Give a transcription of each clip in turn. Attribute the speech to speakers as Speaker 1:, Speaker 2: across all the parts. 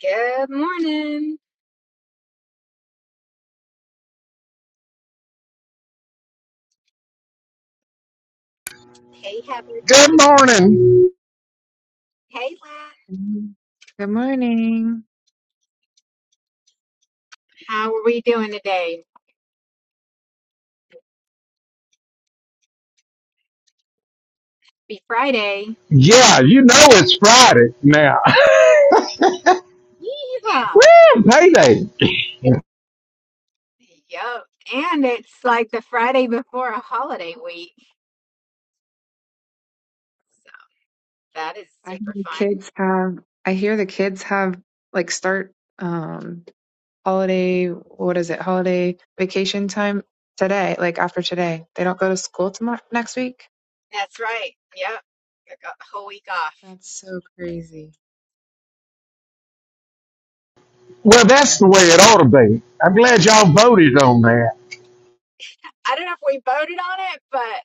Speaker 1: Good morning. Hey, Heather.
Speaker 2: Good
Speaker 1: Good morning.
Speaker 2: morning.
Speaker 1: Hey, Lat.
Speaker 3: Mhm. Good morning.
Speaker 1: How are we doing today? Happy Friday.
Speaker 2: Yeah, you know it's Friday now.
Speaker 1: Yeah.
Speaker 2: Woo, payday.
Speaker 1: Yup. And it's like the Friday before a holiday week. So that is
Speaker 3: I hear
Speaker 1: super
Speaker 3: the
Speaker 1: fun.
Speaker 3: kids have, I hear the kids have like start um holiday, what is it, holiday vacation time today, like after today. They don't go to school tomorrow next week.
Speaker 1: That's right. Yep. I got the whole week off.
Speaker 3: That's so crazy.
Speaker 2: Well, that's the way it ought to be. I'm glad y'all voted on that.
Speaker 1: I don't know if we voted on it, but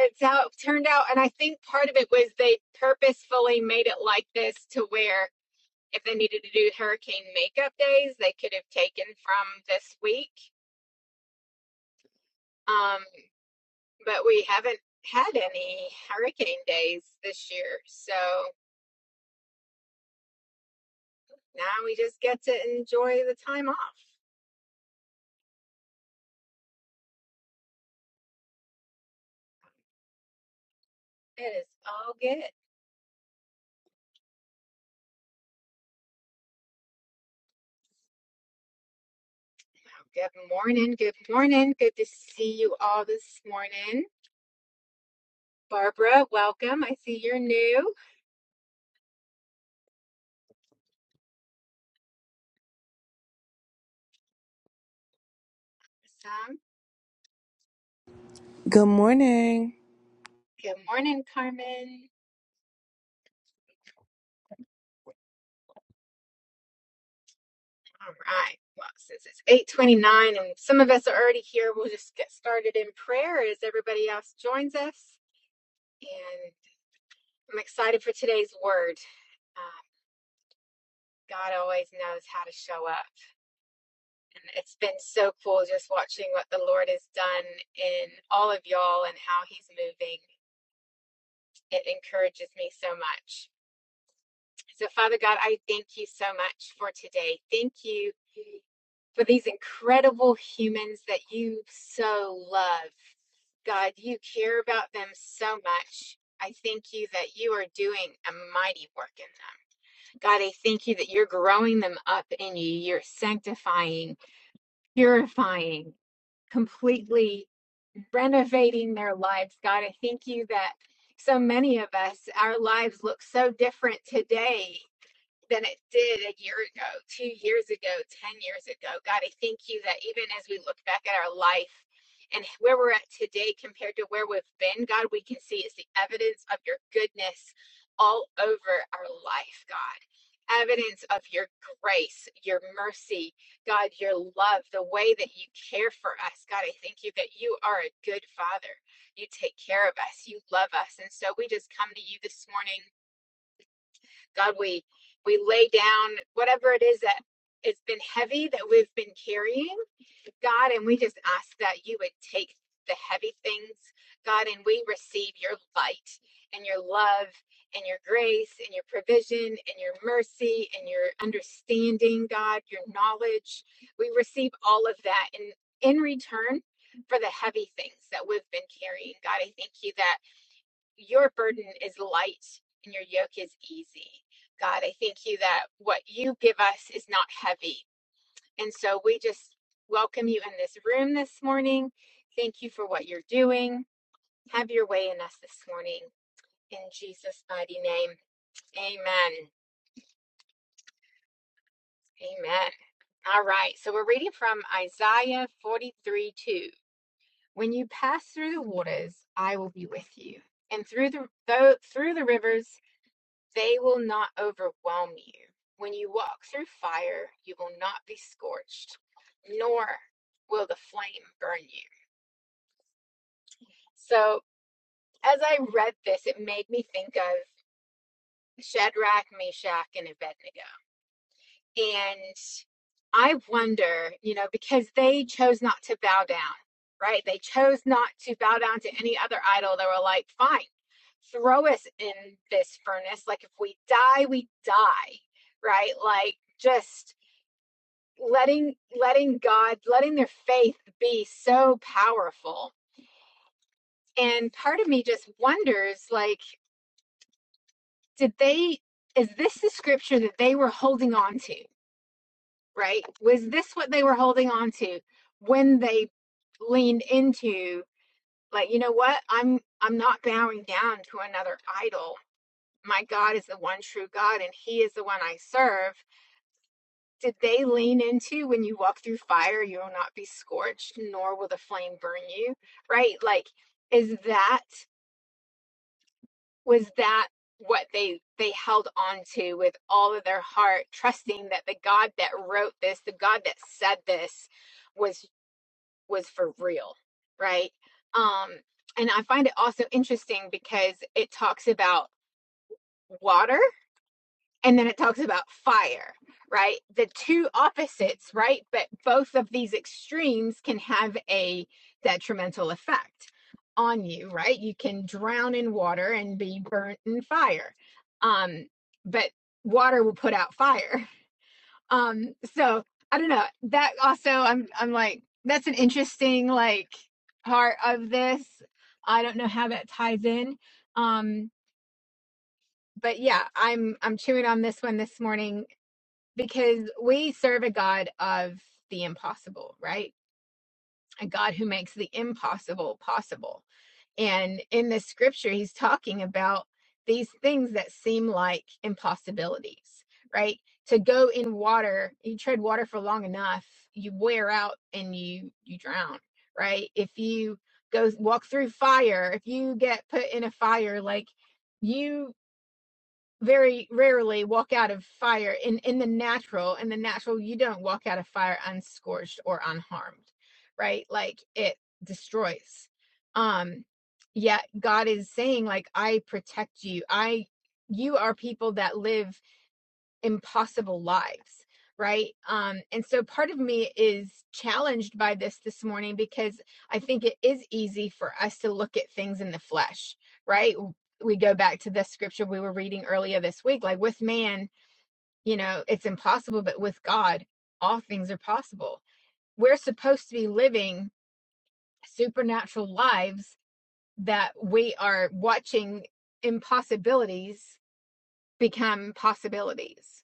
Speaker 1: it's how it turned out. And I think part of it was they purposefully made it like this to where if they needed to do hurricane makeup days, they could have taken from this week. Um, but we haven't had any hurricane days this year. So now we just get to enjoy the time off. It is all good. Good morning. Good morning. Good to see you all this morning. Barbara, welcome. I see you're new. Awesome.
Speaker 4: Good morning.
Speaker 1: Good morning, Carmen. All right. Well, since it's 829 and some of us are already here, we'll just get started in prayer as everybody else joins us. And I'm excited for today's word. Uh, God always knows how to show up. And it's been so cool just watching what the Lord has done in all of y'all and how he's moving. It encourages me so much. So, Father God, I thank you so much for today. Thank you for these incredible humans that you so love. God, you care about them so much. I thank you that you are doing a mighty work in them. God, I thank you that you're growing them up in you. You're sanctifying, purifying, completely renovating their lives. God, I thank you that so many of us, our lives look so different today than it did a year ago, two years ago, 10 years ago. God, I thank you that even as we look back at our life and where we're at today compared to where we've been, God, we can see it's the evidence of your goodness all over our life, God. Evidence of your grace, your mercy, God, your love, the way that you care for us. God, I thank you that you are a good father. You take care of us, you love us. And so we just come to you this morning God, we we lay down whatever it is that it's been heavy that we've been carrying, God, and we just ask that you would take the heavy things, God, and we receive your light and your love and your grace and your provision and your mercy and your understanding, God, your knowledge. We receive all of that in in return for the heavy things that we've been carrying. God, I thank you that your burden is light and your yoke is easy. God, I thank you that what you give us is not heavy. And so we just welcome you in this room this morning. Thank you for what you're doing. Have your way in us this morning. In Jesus' mighty name, amen. Amen. All right. So we're reading from Isaiah 43 2. When you pass through the waters, I will be with you. And through the, though, through the rivers, They will not overwhelm you. When you walk through fire, you will not be scorched, nor will the flame burn you. So, as I read this, it made me think of Shadrach, Meshach, and Abednego. And I wonder, you know, because they chose not to bow down, right? They chose not to bow down to any other idol. They were like, fine, throw us in this furnace. Like, if we die, we die, right? Like, just letting letting God, letting their faith be so powerful. And part of me just wonders like did they is this the scripture that they were holding on to, right? Was this what they were holding on to when they leaned into like you know what? I'm I'm not bowing down to another idol. My God is the one true God and he is the one I serve Did they lean into when you walk through fire, you will not be scorched, nor will the flame burn you? Right? Like, is that, was that what they they held on to with all of their heart trusting that the god that wrote this the god that said this was was for real right um and i find it also interesting because it talks about water and then it talks about fire right the two opposites right but both of these extremes can have a detrimental effect on you right you can drown in water and be burnt in fire um but water will put out fire um so i don't know that also i'm i'm like that's an interesting like part of this i don't know how that ties in um but yeah i'm i'm chewing on this one this morning because we serve a God of the impossible, right? A God who makes the impossible possible. And in this scripture, he's talking about these things that seem like impossibilities, right? To go in water, you tread water for long enough, you wear out and you you drown, right? If you go walk through fire, if you get put in a fire, like you very rarely walk out of fire in in the natural in the natural you don't walk out of fire unscorched or unharmed right like it destroys um yet god is saying like i protect you i you are people that live impossible lives right um and so part of me is challenged by this this morning because i think it is easy for us to look at things in the flesh right we go back to the scripture we were reading earlier this week like with man you know it's impossible but with god all things are possible we're supposed to be living supernatural lives that we are watching impossibilities become possibilities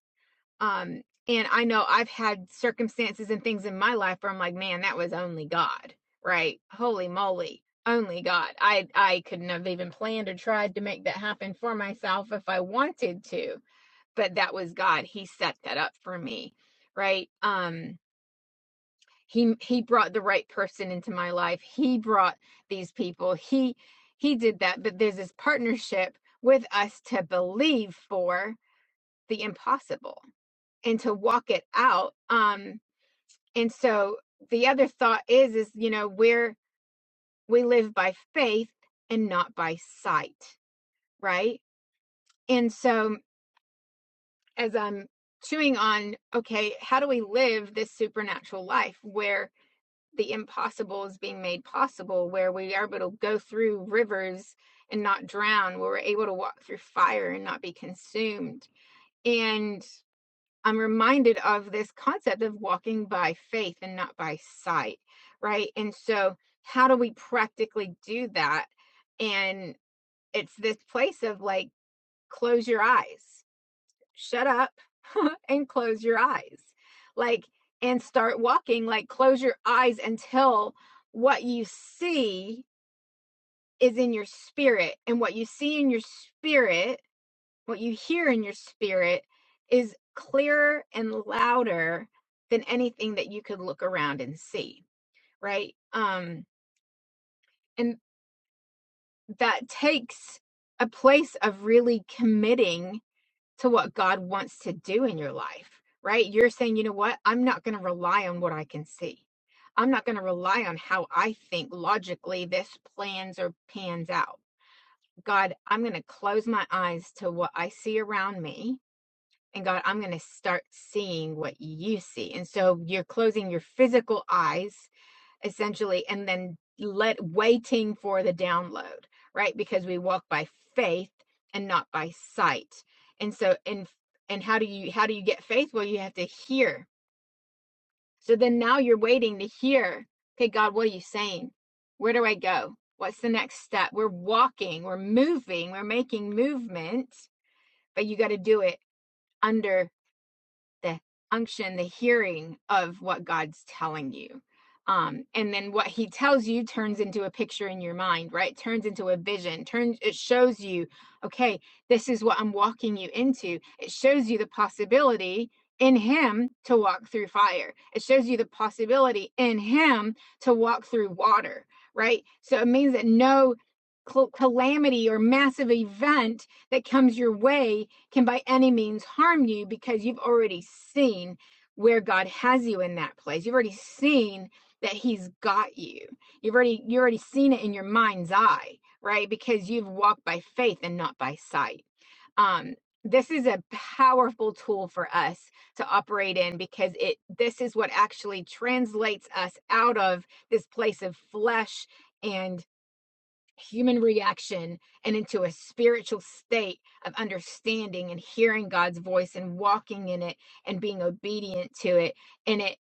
Speaker 1: um, and I know I've had circumstances and things in my life where I'm like, man, that was only God, right? Holy moly, only God. I I couldn't have even planned or tried to make that happen for myself if I wanted to, but that was God. He set that up for me, right? Um, he he brought the right person into my life. He brought these people. He he did that, but there's this partnership with us to believe for the impossible and to walk it out um and so the other thought is is you know where we live by faith and not by sight right and so as i'm chewing on okay how do we live this supernatural life where the impossible is being made possible where we are able to go through rivers and not drown where we're able to walk through fire and not be consumed and. I'm reminded of this concept of walking by faith and not by sight, right? And so, how do we practically do that? And it's this place of like, close your eyes, shut up, and close your eyes, like, and start walking, like, close your eyes until what you see is in your spirit. And what you see in your spirit what you hear in your spirit is clearer and louder than anything that you could look around and see right um and that takes a place of really committing to what god wants to do in your life right you're saying you know what i'm not going to rely on what i can see i'm not going to rely on how i think logically this plans or pans out god i'm going to close my eyes to what i see around me and God, I'm going to start seeing what you see. And so you're closing your physical eyes essentially and then let waiting for the download, right? Because we walk by faith and not by sight. And so and and how do you how do you get faith? Well, you have to hear. So then now you're waiting to hear. Okay, God, what are you saying? Where do I go? What's the next step? We're walking, we're moving, we're making movement, but you got to do it under the unction, the hearing of what God's telling you. Um, and then what he tells you turns into a picture in your mind, right? Turns into a vision, turns it shows you, okay, this is what I'm walking you into. It shows you the possibility in him to walk through fire. It shows you the possibility in him to walk through water, right? So it means that no calamity or massive event that comes your way can by any means harm you because you've already seen where God has you in that place. You've already seen that he's got you. You've already you already seen it in your mind's eye, right? Because you've walked by faith and not by sight. Um this is a powerful tool for us to operate in because it this is what actually translates us out of this place of flesh and human reaction and into a spiritual state of understanding and hearing God's voice and walking in it and being obedient to it. And it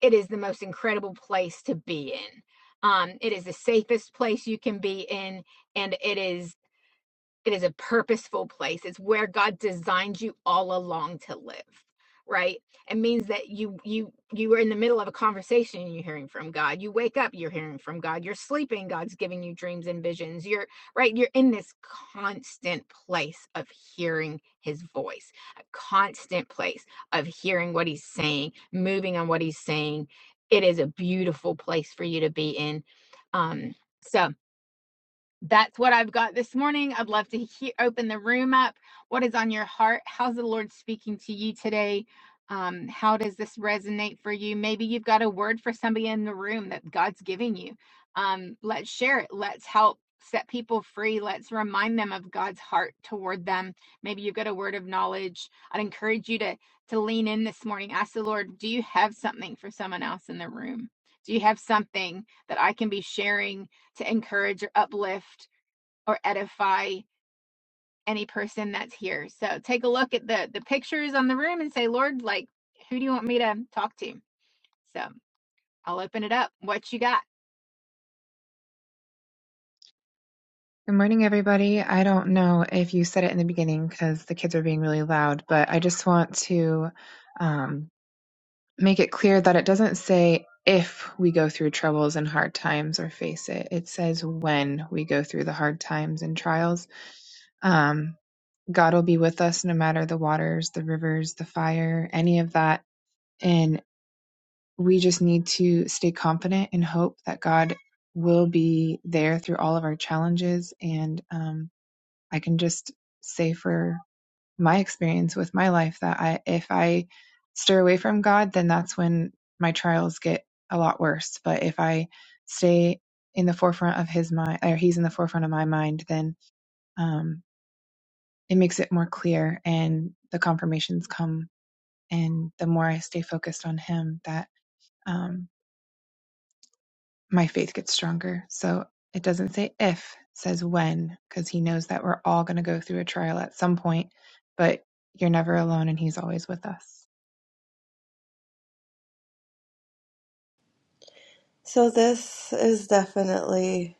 Speaker 1: it is the most incredible place to be in. Um, it is the safest place you can be in, and it is. It is a purposeful place. It's where God designed you all along to live, right? It means that you you you are in the middle of a conversation and you're hearing from God. You wake up, you're hearing from God. You're sleeping, God's giving you dreams and visions. You're right, you're in this constant place of hearing his voice, a constant place of hearing what he's saying, moving on what he's saying. It is a beautiful place for you to be in. Um so that's what I've got this morning. I'd love to he- open the room up. What is on your heart? How's the Lord speaking to you today? Um, how does this resonate for you? Maybe you've got a word for somebody in the room that God's giving you. Um, let's share it. Let's help set people free. Let's remind them of God's heart toward them. Maybe you've got a word of knowledge. I'd encourage you to to lean in this morning. Ask the Lord, do you have something for someone else in the room? Do you have something that I can be sharing to encourage or uplift or edify any person that's here. So take a look at the the pictures on the room and say, Lord, like who do you want me to talk to? So I'll open it up. What you got?
Speaker 3: Good morning, everybody. I don't know if you said it in the beginning because the kids are being really loud, but I just want to um make it clear that it doesn't say if we go through troubles and hard times or face it. It says when we go through the hard times and trials. Um, God will be with us no matter the waters, the rivers, the fire, any of that. And we just need to stay confident and hope that God will be there through all of our challenges. And um, I can just say for my experience with my life that I, if I steer away from God, then that's when my trials get a lot worse. But if I stay in the forefront of His mind, or He's in the forefront of my mind, then um, it makes it more clear, and the confirmations come. And the more I stay focused on Him, that um, my faith gets stronger. So it doesn't say if, it says when, because He knows that we're all going to go through a trial at some point, but you're never alone, and He's always with us.
Speaker 5: So this is definitely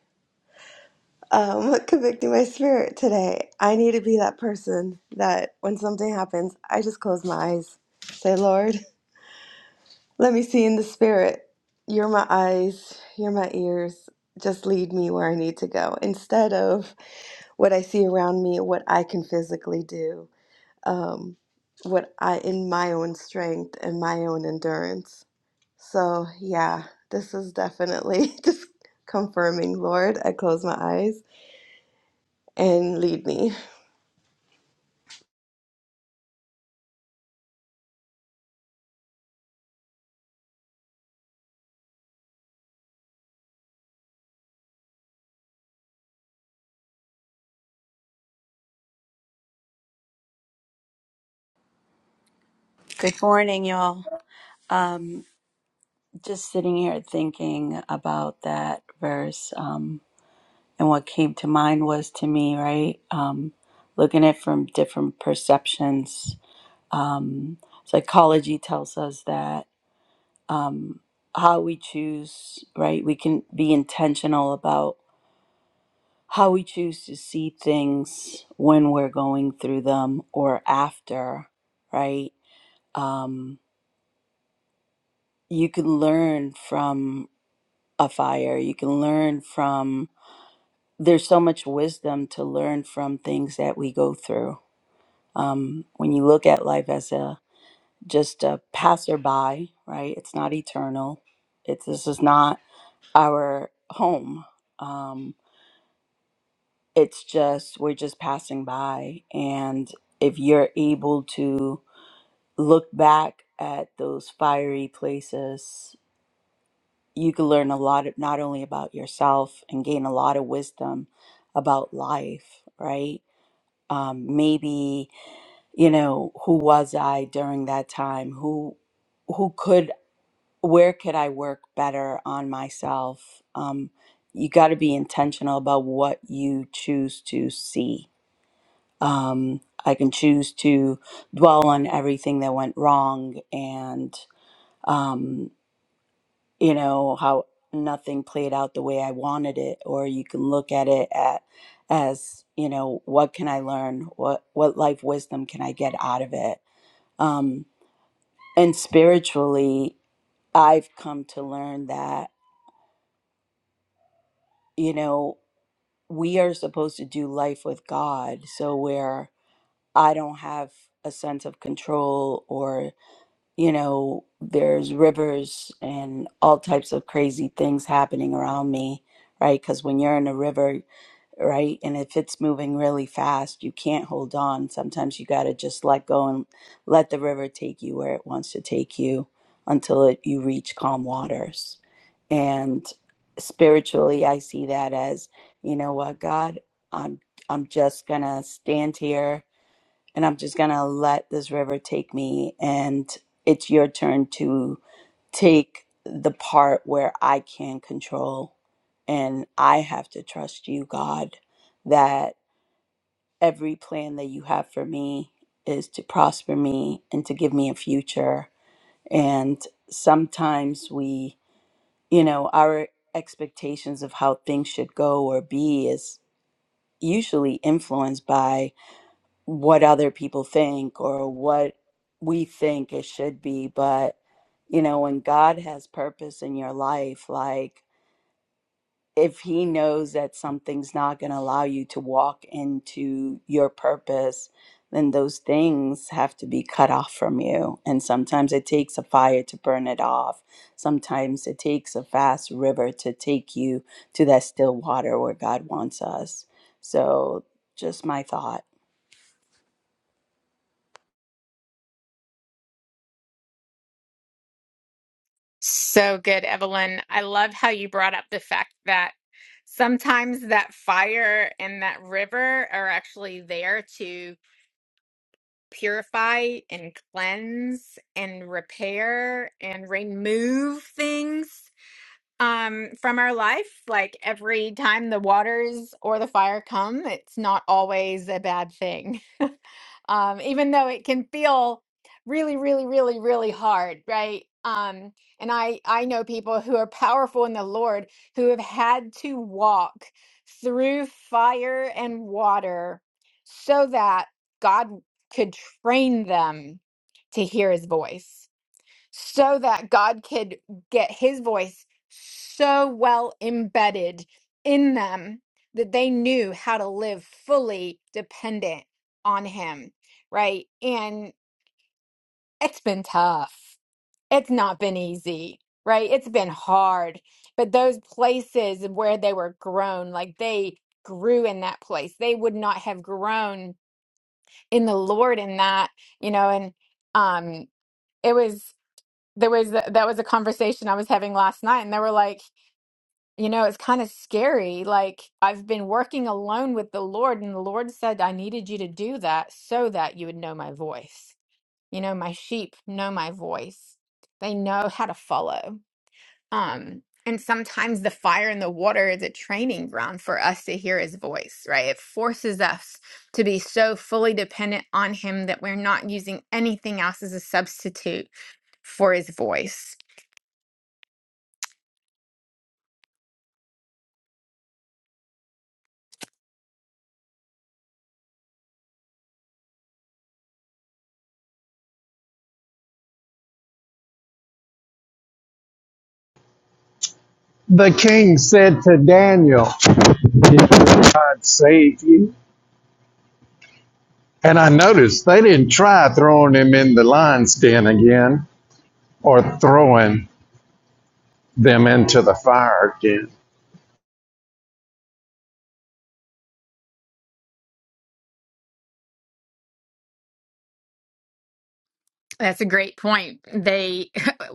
Speaker 5: um, convicting my spirit today. I need to be that person that when something happens, I just close my eyes, say, Lord, let me see in the spirit. You're my eyes, you're my ears. Just lead me where I need to go instead of what I see around me, what I can physically do, um, what I in my own strength and my own endurance. So, yeah, this is definitely just confirming, Lord. I close my eyes and lead me.
Speaker 6: Good morning, y'all. Um, just sitting here thinking about that verse, um, and what came to mind was to me, right? Um, looking at it from different perceptions. Um, psychology tells us that um, how we choose, right? We can be intentional about how we choose to see things when we're going through them or after, right? Um, you can learn from a fire. You can learn from, there's so much wisdom to learn from things that we go through. Um, when you look at life as a just a passerby, right? It's not eternal. It's this is not our home. Um, it's just we're just passing by, and if you're able to look back at those fiery places you can learn a lot of- not only about yourself and gain a lot of wisdom about life right um, maybe you know who was i during that time who who could where could i work better on myself um, you got to be intentional about what you choose to see um, i can choose to dwell on everything that went wrong and um, you know how nothing played out the way i wanted it or you can look at it at as you know what can i learn what what life wisdom can i get out of it um and spiritually i've come to learn that you know we are supposed to do life with god so where i don't have a sense of control or you know there's rivers and all types of crazy things happening around me right? Because when you're in a river, right? And if it's moving really fast, you can't hold on. Sometimes you got to just let go and let the river take you where it wants to take you until it, you reach calm waters. And spiritually, I see that as, you know what, God, I'm I'm just going to stand here and I'm just going to let this river take me and it's your turn to take the part where I can control and I have to trust you, God, that every plan that you have for me is to prosper me and to give me a future. And sometimes we, you know, our expectations of how things should go or be is usually influenced by what other people think or what we think it should be but you know when god has purpose in your life like if he knows that something's not going to allow you to walk into your purpose then those things have to be cut off from you and sometimes it takes a fire to burn it off sometimes it takes a fast river to take you to that still water where god wants us so just my thought
Speaker 1: So good, Evelyn. I love how you brought up the fact that sometimes that fire and that river are actually there to purify and cleanse and repair and remove things. um from our life like every time the waters or the fire come it's not always a bad thing um even though it can feel really really really really hard right um and i i know people who are powerful in the lord who have had to walk through fire and water so that god could train them to hear his voice so that God could get his voice so well embedded in them that they knew how to live fully dependent on him, right? And it's been tough. It's not been easy, right? It's been hard. But those places where they were grown, like they grew in that place, they would not have grown in the Lord in that, you know, and um it was there was that was a conversation I was having last night, and they were like, you know, it's kind of scary. Like I've been working alone with the Lord, and the Lord said I needed you to do that so that you would know my voice. You know, my sheep know my voice. They know how to follow. Um, and sometimes the fire and the water is a training ground for us to hear his voice, right? It forces us to be so fully dependent on him that we're not using anything else as a substitute for his voice
Speaker 2: The king said to Daniel, Did God save you? And I noticed they didn't try throwing him in the lion's den again or throwing them into the fire again.
Speaker 1: That's a great point. They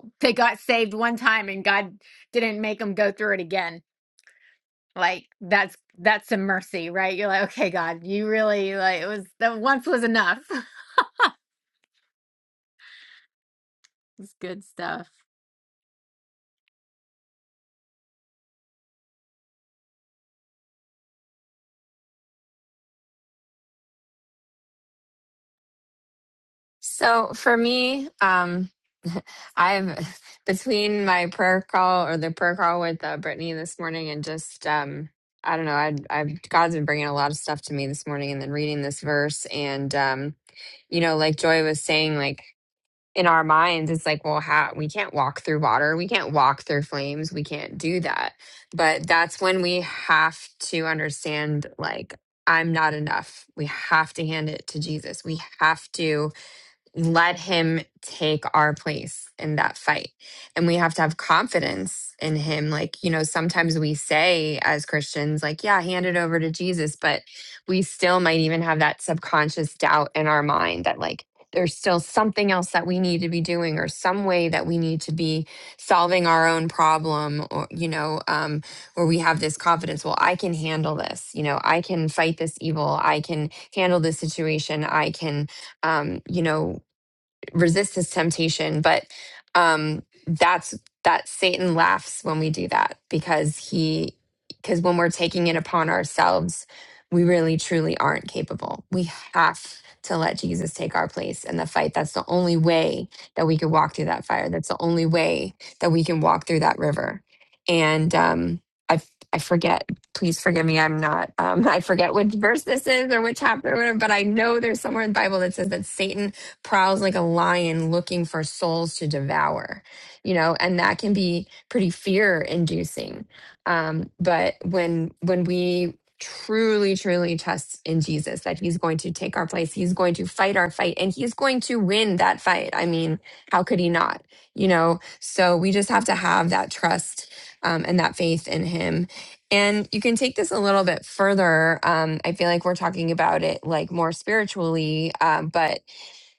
Speaker 1: they got saved one time and God didn't make them go through it again. Like that's that's some mercy, right? You're like, okay, God, you really like it was that once was enough. It's good stuff.
Speaker 7: So for me, um, I've between my prayer call or the prayer call with uh, Brittany this morning, and just um, I don't know, I, I've God's been bringing a lot of stuff to me this morning, and then reading this verse, and um, you know, like Joy was saying, like in our minds, it's like, well, how we can't walk through water, we can't walk through flames, we can't do that. But that's when we have to understand, like. I'm not enough. We have to hand it to Jesus. We have to let him take our place in that fight. And we have to have confidence in him. Like, you know, sometimes we say as Christians, like, yeah, hand it over to Jesus, but we still might even have that subconscious doubt in our mind that, like, there's still something else that we need to be doing or some way that we need to be solving our own problem or you know um, where we have this confidence well i can handle this you know i can fight this evil i can handle this situation i can um, you know resist this temptation but um that's that satan laughs when we do that because he because when we're taking it upon ourselves we really truly aren't capable we have to let jesus take our place in the fight that's the only way that we can walk through that fire that's the only way that we can walk through that river and um i i forget please forgive me i'm not um i forget which verse this is or which chapter or whatever, but i know there's somewhere in the bible that says that satan prowls like a lion looking for souls to devour, you know, and that can be pretty fear inducing. Um, but when when we truly, truly trust in Jesus that he's going to take our place, he's going to fight our fight, and he's going to win that fight. I mean, how could he not? You know, so we just have to have that trust um, and that faith in him. And you can take this a little bit further. Um, I feel like we're talking about it like more spiritually, um, but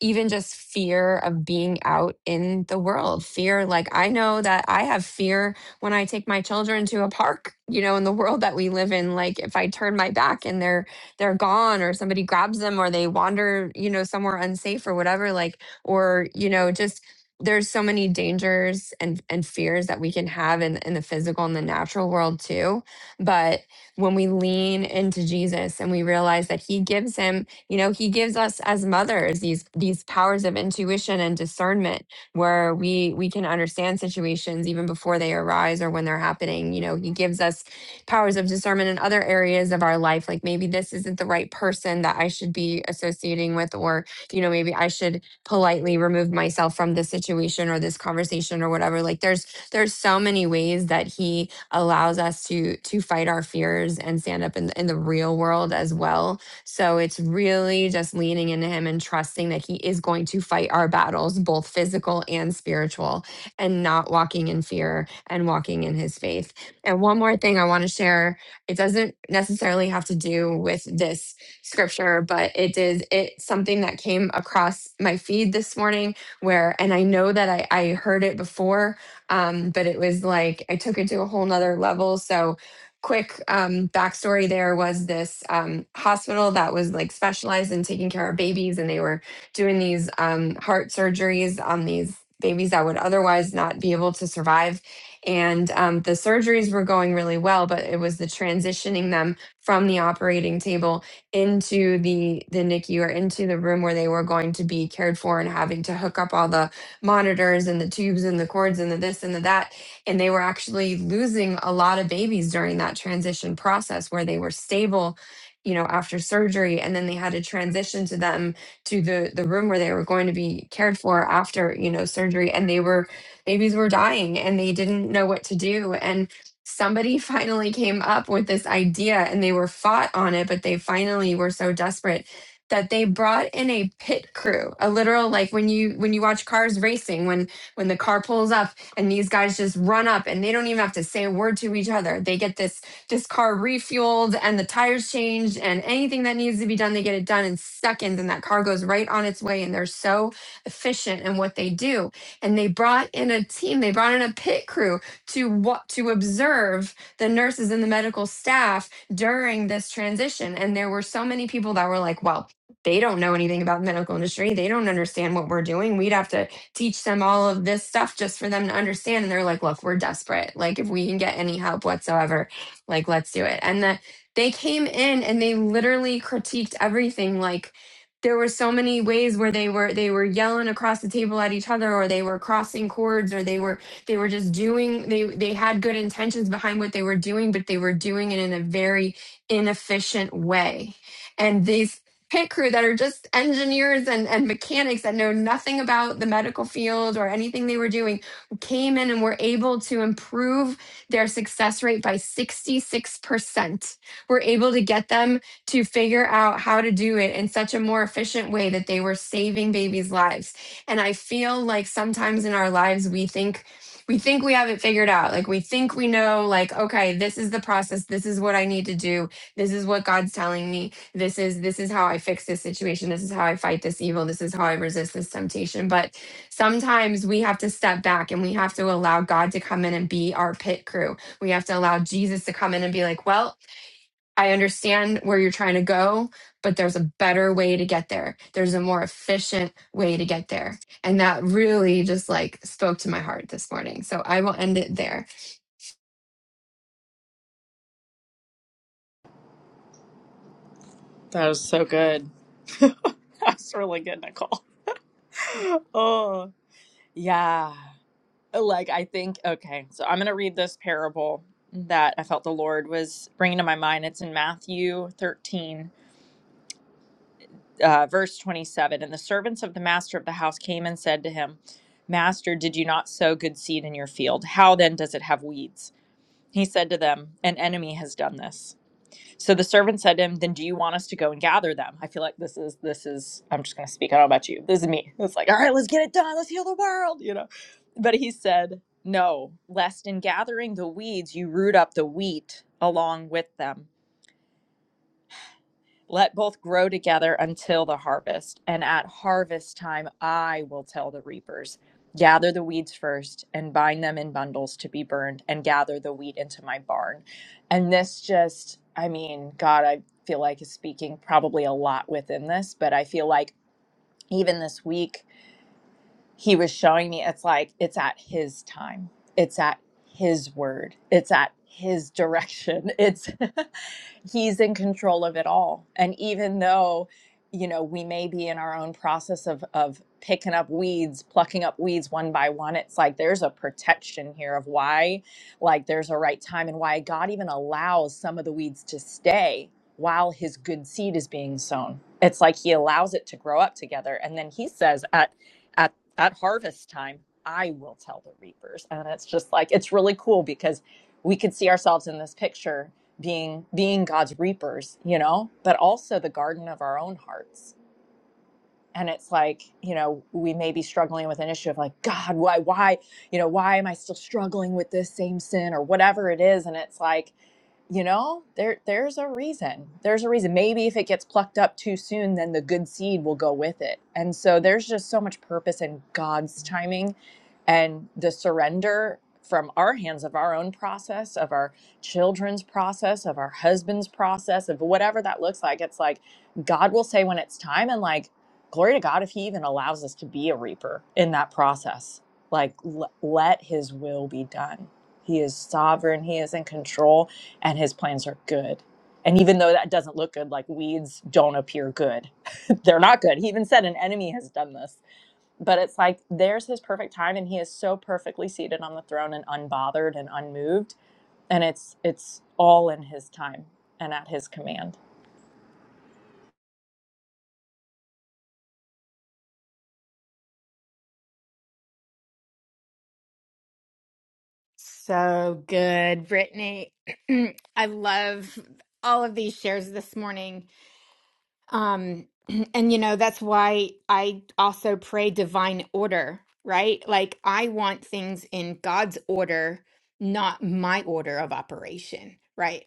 Speaker 7: even just fear of being out in the world fear like i know that i have fear when i take my children to a park you know in the world that we live in like if i turn my back and they're they're gone or somebody grabs them or they wander you know somewhere unsafe or whatever like or you know just there's so many dangers and and fears that we can have in in the physical and the natural world too but when we lean into jesus and we realize that he gives him you know he gives us as mothers these these powers of intuition and discernment where we we can understand situations even before they arise or when they're happening you know he gives us powers of discernment in other areas of our life like maybe this isn't the right person that i should be associating with or you know maybe i should politely remove myself from this situation or this conversation or whatever like there's there's so many ways that he allows us to to fight our fears and stand up in, in the real world as well so it's really just leaning into him and trusting that he is going to fight our battles, both physical and spiritual, and not walking in fear and walking in his faith. And one more thing I want to share, it doesn't necessarily have to do with this scripture, but it is it's something that came across my feed this morning where and I know that I, I heard it before, um, but it was like I took it to a whole nother level. So quick um, backstory there was this um, hospital that was like specialized in taking care of babies and they were doing these um, heart surgeries on these babies that would otherwise not be able to survive and um, the surgeries were going really well but it was the transitioning them from the operating table into the the nicu or into the room where they were going to be cared for and having to hook up all the monitors and the tubes and the cords and the this and the that and they were actually losing a lot of babies during that transition process where they were stable, you know, after surgery. And then they had to transition to them to the, the room where they were going to be cared for after, you know, surgery. And they were, babies were dying and they didn't know what to do. And somebody finally came up with this idea and they were fought on it, but they finally were so desperate that they brought in a pit crew a literal like when you when you watch cars racing when when the car pulls up and these guys just run up and they don't even have to say a word to each other they get this this car refueled and the tires changed and anything that needs to be done they get it done in seconds and that car goes right on its way and they're so efficient in what they do and they brought in a team they brought in a pit crew to what to observe the nurses and the medical staff during this transition and there were so many people that were like well they don't know anything about the medical industry. They don't understand what we're doing. We'd have to teach them all of this stuff just for them to understand. And they're like, look, we're desperate. Like, if we can get any help whatsoever, like, let's do it. And that they came in and they literally critiqued everything. Like, there were so many ways where they were they were yelling across the table at each other or they were crossing chords or they were they were just doing they they had good intentions behind what they were doing but they were doing it in a very inefficient way and these pit crew that are just engineers and, and mechanics that know nothing about the medical field or anything they were doing came in and were able to improve their success rate by 66%. We're able to get them to figure out how to do it in such a more efficient way that they were saving babies' lives. And I feel like sometimes in our lives we think we think we have it figured out. Like we think we know like okay, this is the process, this is what I need to do, this is what God's telling me this is this is how i fix this situation this is how i fight this evil this is how i resist this temptation but sometimes we have to step back and we have to allow god to come in and be our pit crew we have to allow jesus to come in and be like well i understand where you're trying to go but there's a better way to get there there's a more efficient way to get there and that really just like spoke to my heart this morning so i will end it there
Speaker 8: That was so good. That's really good, Nicole. Oh, yeah. Like, I think, okay, so I'm going to read this parable that I felt the Lord was bringing to my mind. It's in Matthew 13, uh, verse 27. And the servants of the master of the house came and said to him, Master, did you not sow good seed in your field? How then does it have weeds? He said to them, An enemy has done this. So the servant said to him, Then do you want us to go and gather them? I feel like this is, this is, I'm just going to speak. I don't know about you. This is me. It's like, All right, let's get it done. Let's heal the world, you know. But he said, No, lest in gathering the weeds, you root up the wheat along with them. Let both grow together until the harvest. And at harvest time, I will tell the reapers, Gather the weeds first and bind them in bundles to be burned, and gather the wheat into my barn. And this just, I mean, God, I feel like is speaking probably a lot within this, but I feel like even this week, he was showing me it's like it's at his time, it's at his word, it's at his direction. It's he's in control of it all and even though you know we may be in our own process of of picking up weeds plucking up weeds one by one it's like there's a protection here of why like there's a right time and why god even allows some of the weeds to stay while his good seed is being sown it's like he allows it to grow up together and then he says at at at harvest time i will tell the reapers and it's just like it's really cool because we could see ourselves in this picture being being God's reapers, you know, but also the garden of our own hearts. And it's like, you know, we may be struggling with an issue of like, God, why, why, you know, why am I still struggling with this same sin or whatever it is? And it's like, you know there there's a reason there's a reason maybe if it gets plucked up too soon then the good seed will go with it and so there's just so much purpose in god's timing and the surrender from our hands of our own process of our children's process of our husband's process of whatever that looks like it's like god will say when it's time and like glory to god if he even allows us to be a reaper in that process like l- let his will be done he is sovereign he is in control and his plans are good. And even though that doesn't look good, like weeds don't appear good, they're not good. He even said an enemy has done this. But it's like there's his perfect time, and he is so perfectly seated on the throne and unbothered and unmoved. And it's it's all in his time and at his command.
Speaker 1: So good, Brittany. I love all of these shares this morning. Um, and you know, that's why I also pray divine order, right? Like I want things in God's order, not my order of operation, right?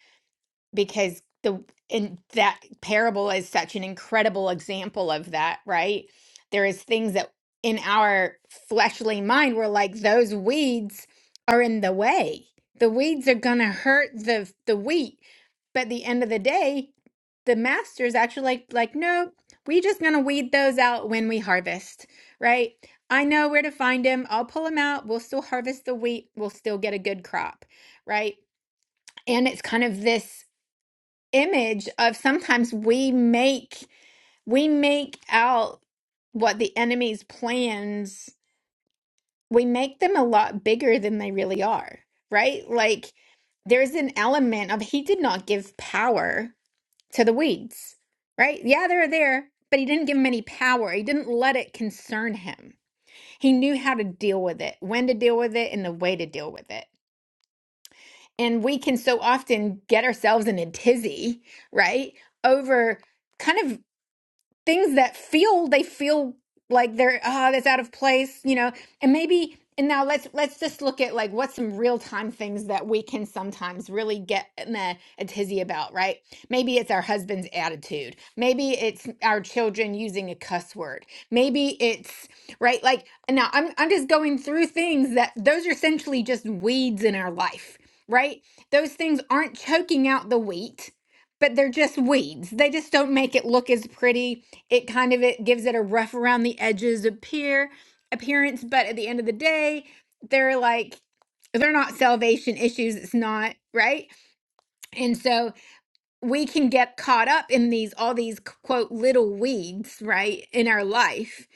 Speaker 1: because the and that parable is such an incredible example of that, right? There is things that in our fleshly mind we're like those weeds are in the way. The weeds are going to hurt the the wheat. But at the end of the day, the master is actually like like no, we just going to weed those out when we harvest, right? I know where to find them. I'll pull them out. We'll still harvest the wheat. We'll still get a good crop, right? And it's kind of this image of sometimes we make we make out what the enemy's plans we make them a lot bigger than they really are right like there's an element of he did not give power to the weeds right yeah they're there but he didn't give them any power he didn't let it concern him he knew how to deal with it when to deal with it and the way to deal with it and we can so often get ourselves in a tizzy right over kind of things that feel they feel like they're uh that's out of place you know and maybe and now let's let's just look at like what's some real time things that we can sometimes really get in a, a tizzy about right maybe it's our husband's attitude maybe it's our children using a cuss word maybe it's right like now i'm i'm just going through things that those are essentially just weeds in our life right those things aren't choking out the wheat but they're just weeds they just don't make it look as pretty it kind of it gives it a rough around the edges appear appearance but at the end of the day they're like they're not salvation issues it's not right and so we can get caught up in these all these quote little weeds right in our life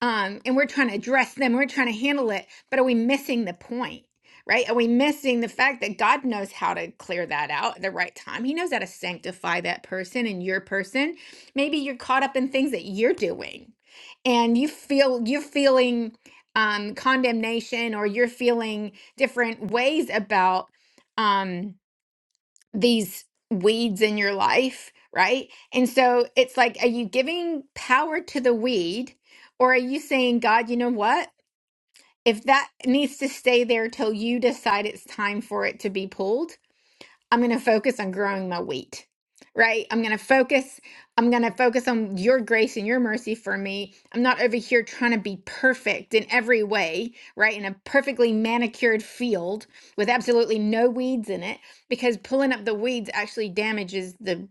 Speaker 1: um and we're trying to address them we're trying to handle it but are we missing the point right are we missing the fact that god knows how to clear that out at the right time he knows how to sanctify that person and your person maybe you're caught up in things that you're doing and you feel you're feeling um condemnation or you're feeling different ways about um these weeds in your life, right? And so it's like, are you giving power to the weed or are you saying, God, you know what? If that needs to stay there till you decide it's time for it to be pulled, I'm going to focus on growing my wheat, right? I'm going to focus. I'm going to focus on your grace and your mercy for me. I'm not over here trying to be perfect in every way, right? In a perfectly manicured field with absolutely no weeds in it, because pulling up the weeds actually damages the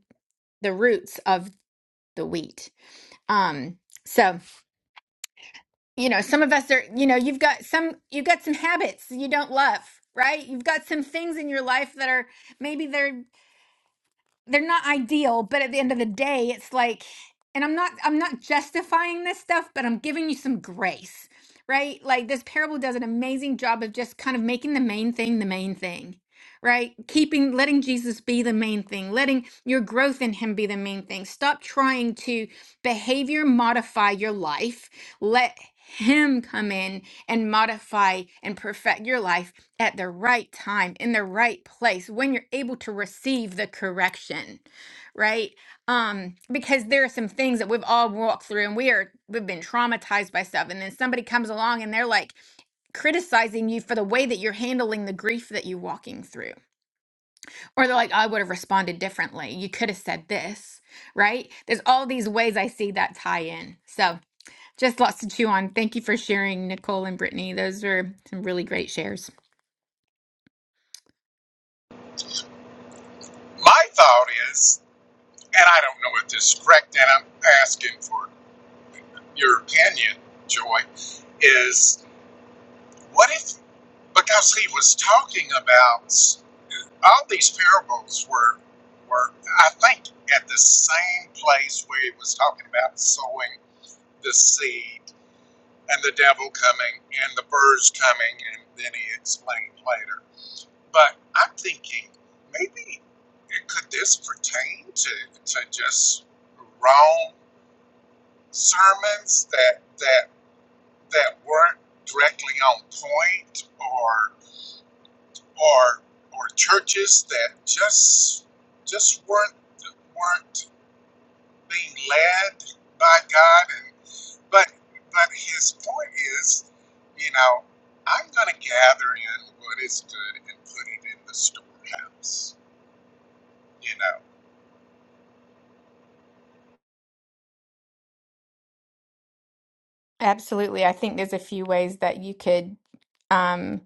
Speaker 1: the roots of the wheat. Um, so you know, some of us are. You know, you've got some. You've got some habits you don't love, right? You've got some things in your life that are maybe they're they're not ideal but at the end of the day it's like and i'm not i'm not justifying this stuff but i'm giving you some grace right like this parable does an amazing job of just kind of making the main thing the main thing right keeping letting jesus be the main thing letting your growth in him be the main thing stop trying to behavior modify your life. Let Him come in and modify and perfect your life at the right time, in the right place, when you're able to receive the correction, right? Um, because there are some things that we've all walked through and we are, we've been traumatized by stuff. And then somebody comes along and they're like criticizing you for the way that you're handling the grief that you're walking through or they're like, "Oh, I would have responded differently. You could have said this, right? There's all these ways I see that tie in. So just lots to chew on. Thank you for sharing, Nicole and Brittany. Those were some really great shares.
Speaker 2: My thought is, and I don't know if this is correct, and I'm asking for your opinion, Joy, is what if? because he was talking about all these parables were were I think at the same place where he was talking about sowing the seed and the devil coming and the birds coming and then he explained later. But I'm thinking maybe it- could this pertain to to just wrong sermons that that that weren't directly on point or. or or churches that just just weren't weren't being led by God and but but his point is, you know, I'm gonna gather in what is good and put it in the storehouse. You know.
Speaker 1: Absolutely. I think there's a few ways that you could. um,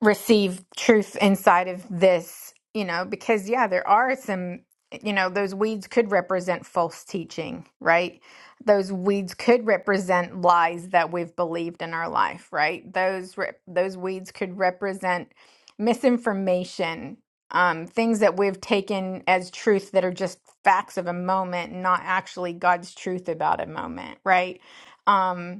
Speaker 1: receive truth inside of this, you know, because yeah, there are some, you know, those weeds could represent false teaching, right? Those weeds could represent lies that we've believed in our life, right? Those re- those weeds could represent misinformation, um, things that we've taken as truth that are just facts of a moment, not actually God's truth about a moment, right? Um,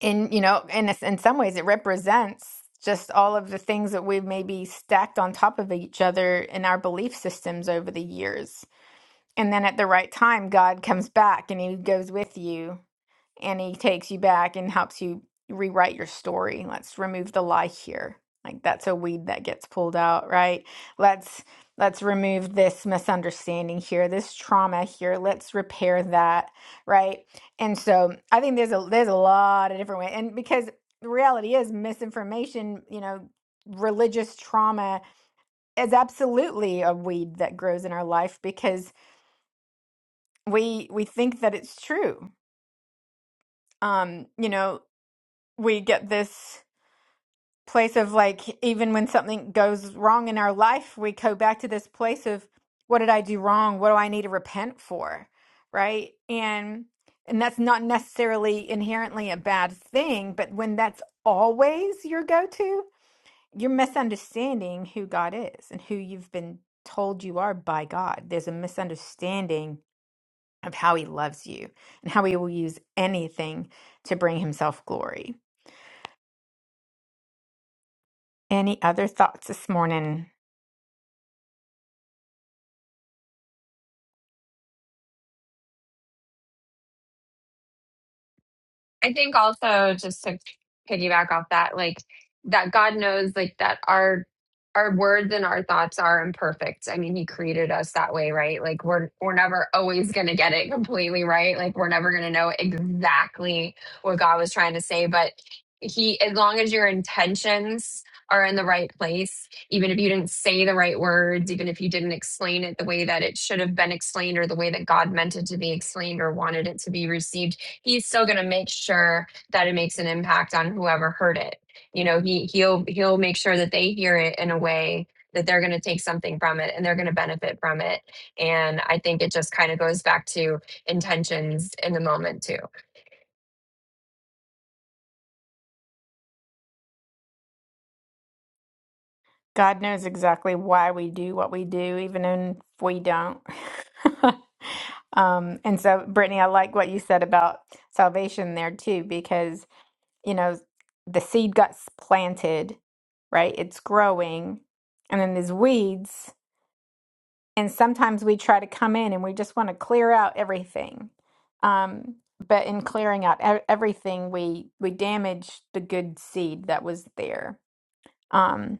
Speaker 1: in you know in a s- in some ways it represents just all of the things that we've maybe stacked on top of each other in our belief systems over the years and then at the right time god comes back and he goes with you and he takes you back and helps you rewrite your story. Let's remove the lie here. Like that's a weed that gets pulled out, right? Let's let's remove this misunderstanding here, this trauma here. Let's repair that, right? And so I think there's a there's a lot of different ways. And because the reality is misinformation, you know, religious trauma is absolutely a weed that grows in our life because we we think that it's true. Um, you know, we get this place of like even when something goes wrong in our life we go back to this place of what did i do wrong what do i need to repent for right and and that's not necessarily inherently a bad thing but when that's always your go-to you're misunderstanding who god is and who you've been told you are by god there's a misunderstanding of how he loves you and how he will use anything to bring himself glory any other thoughts this morning
Speaker 7: I think also just to piggyback off that, like that God knows like that our our words and our thoughts are imperfect. I mean, he created us that way, right? Like we're we're never always gonna get it completely right. Like we're never gonna know exactly what God was trying to say. But he as long as your intentions are in the right place, even if you didn't say the right words, even if you didn't explain it the way that it should have been explained or the way that God meant it to be explained or wanted it to be received he's still going to make sure that it makes an impact on whoever heard it. You know, he he'll he'll make sure that they hear it in a way that they're going to take something from it and they're going to benefit from it. And I think it just kind of goes back to intentions in the moment too.
Speaker 1: God knows exactly why we do what we do, even if we don't. um, and so, Brittany, I like what you said about salvation there too, because, you know, the seed got s- planted, right? It's growing, and then there's weeds. And sometimes we try to come in and we just want to clear out everything. Um, but in clearing out e- everything, we we damage the good seed that was there. Um,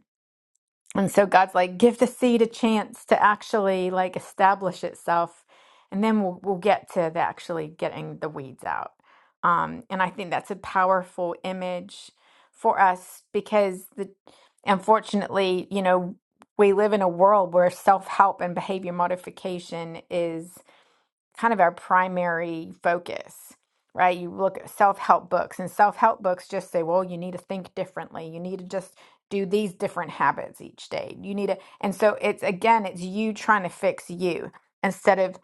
Speaker 1: And so God's like, give the seed a chance to actually like establish itself, and then we'll we'll get to the actually getting the weeds out. Um, and I think that's a powerful image for us because the unfortunately, you know, we live in a world where self help and behavior modification is kind of our primary focus, right? You look at self help books, and self help books just say, well, you need to think differently. You need to just do these different habits each day. You need to, and so it's again, it's you trying to fix you instead of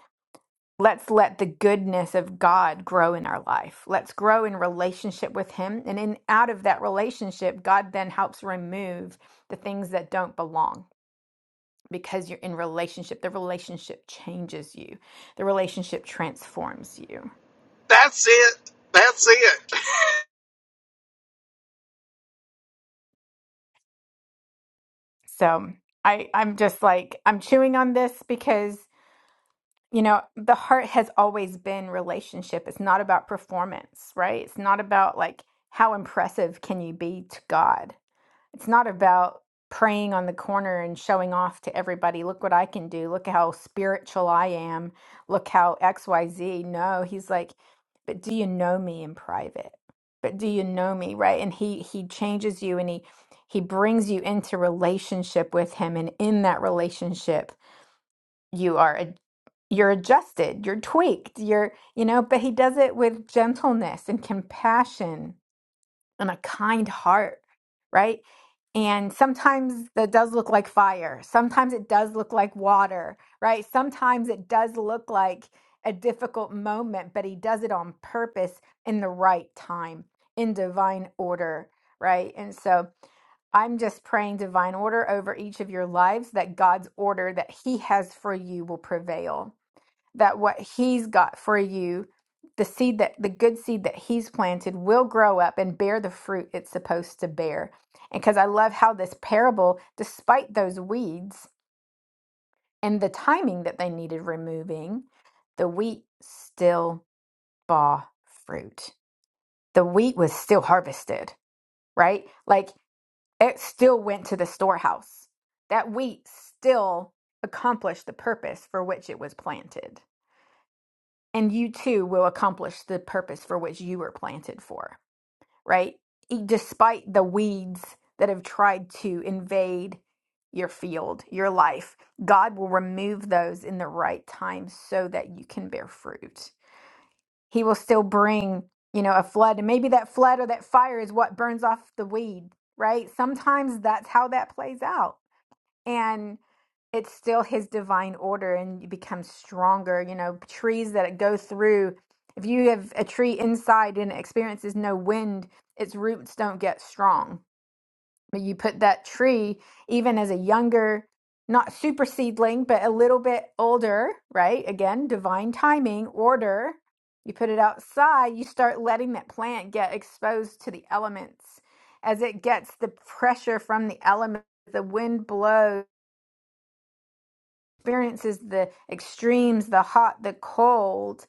Speaker 1: let's let the goodness of God grow in our life. Let's grow in relationship with Him. And in out of that relationship, God then helps remove the things that don't belong because you're in relationship the relationship changes you the relationship transforms you
Speaker 2: That's it. That's it.
Speaker 1: so i i'm just like i'm chewing on this because you know the heart has always been relationship it's not about performance right it's not about like how impressive can you be to god It's not about praying on the corner and showing off to everybody, look what I can do, look how spiritual I am, look how XYZ. No, he's like, but do you know me in private? But do you know me, right? And he he changes you and he he brings you into relationship with him and in that relationship you are a, you're adjusted, you're tweaked, you're you know, but he does it with gentleness and compassion and a kind heart, right? And sometimes that does look like fire. Sometimes it does look like water, right? Sometimes it does look like a difficult moment, but he does it on purpose in the right time, in divine order, right? And so I'm just praying divine order over each of your lives that God's order that he has for you will prevail that what he's got for you, the seed that the good seed that he's planted will grow up and bear the fruit it's supposed to bear. And because I love how this parable, despite those weeds and the timing that they needed removing, the wheat still bore fruit. The wheat was still harvested, right? Like it still went to the storehouse. That wheat still accomplished the purpose for which it was planted. and you too will accomplish the purpose for which you were planted for, right? E- Despite the weeds that have tried to invade your field, your life, God will remove those in the right time so that you can bear fruit. He will still bring, you know, a flood, and maybe that flood or that fire is what burns off the weed, right? Sometimes that's how that plays out and it's still his divine order and you become stronger you know trees that go through if you have a tree inside and it experiences no wind its roots don't get strong but you put that tree even as a younger not super seedling but a little bit older right again divine timing order you put it outside you start letting that plant get exposed to the elements as it gets the pressure from the elements the wind blows experiences the extremes, the hot, the cold,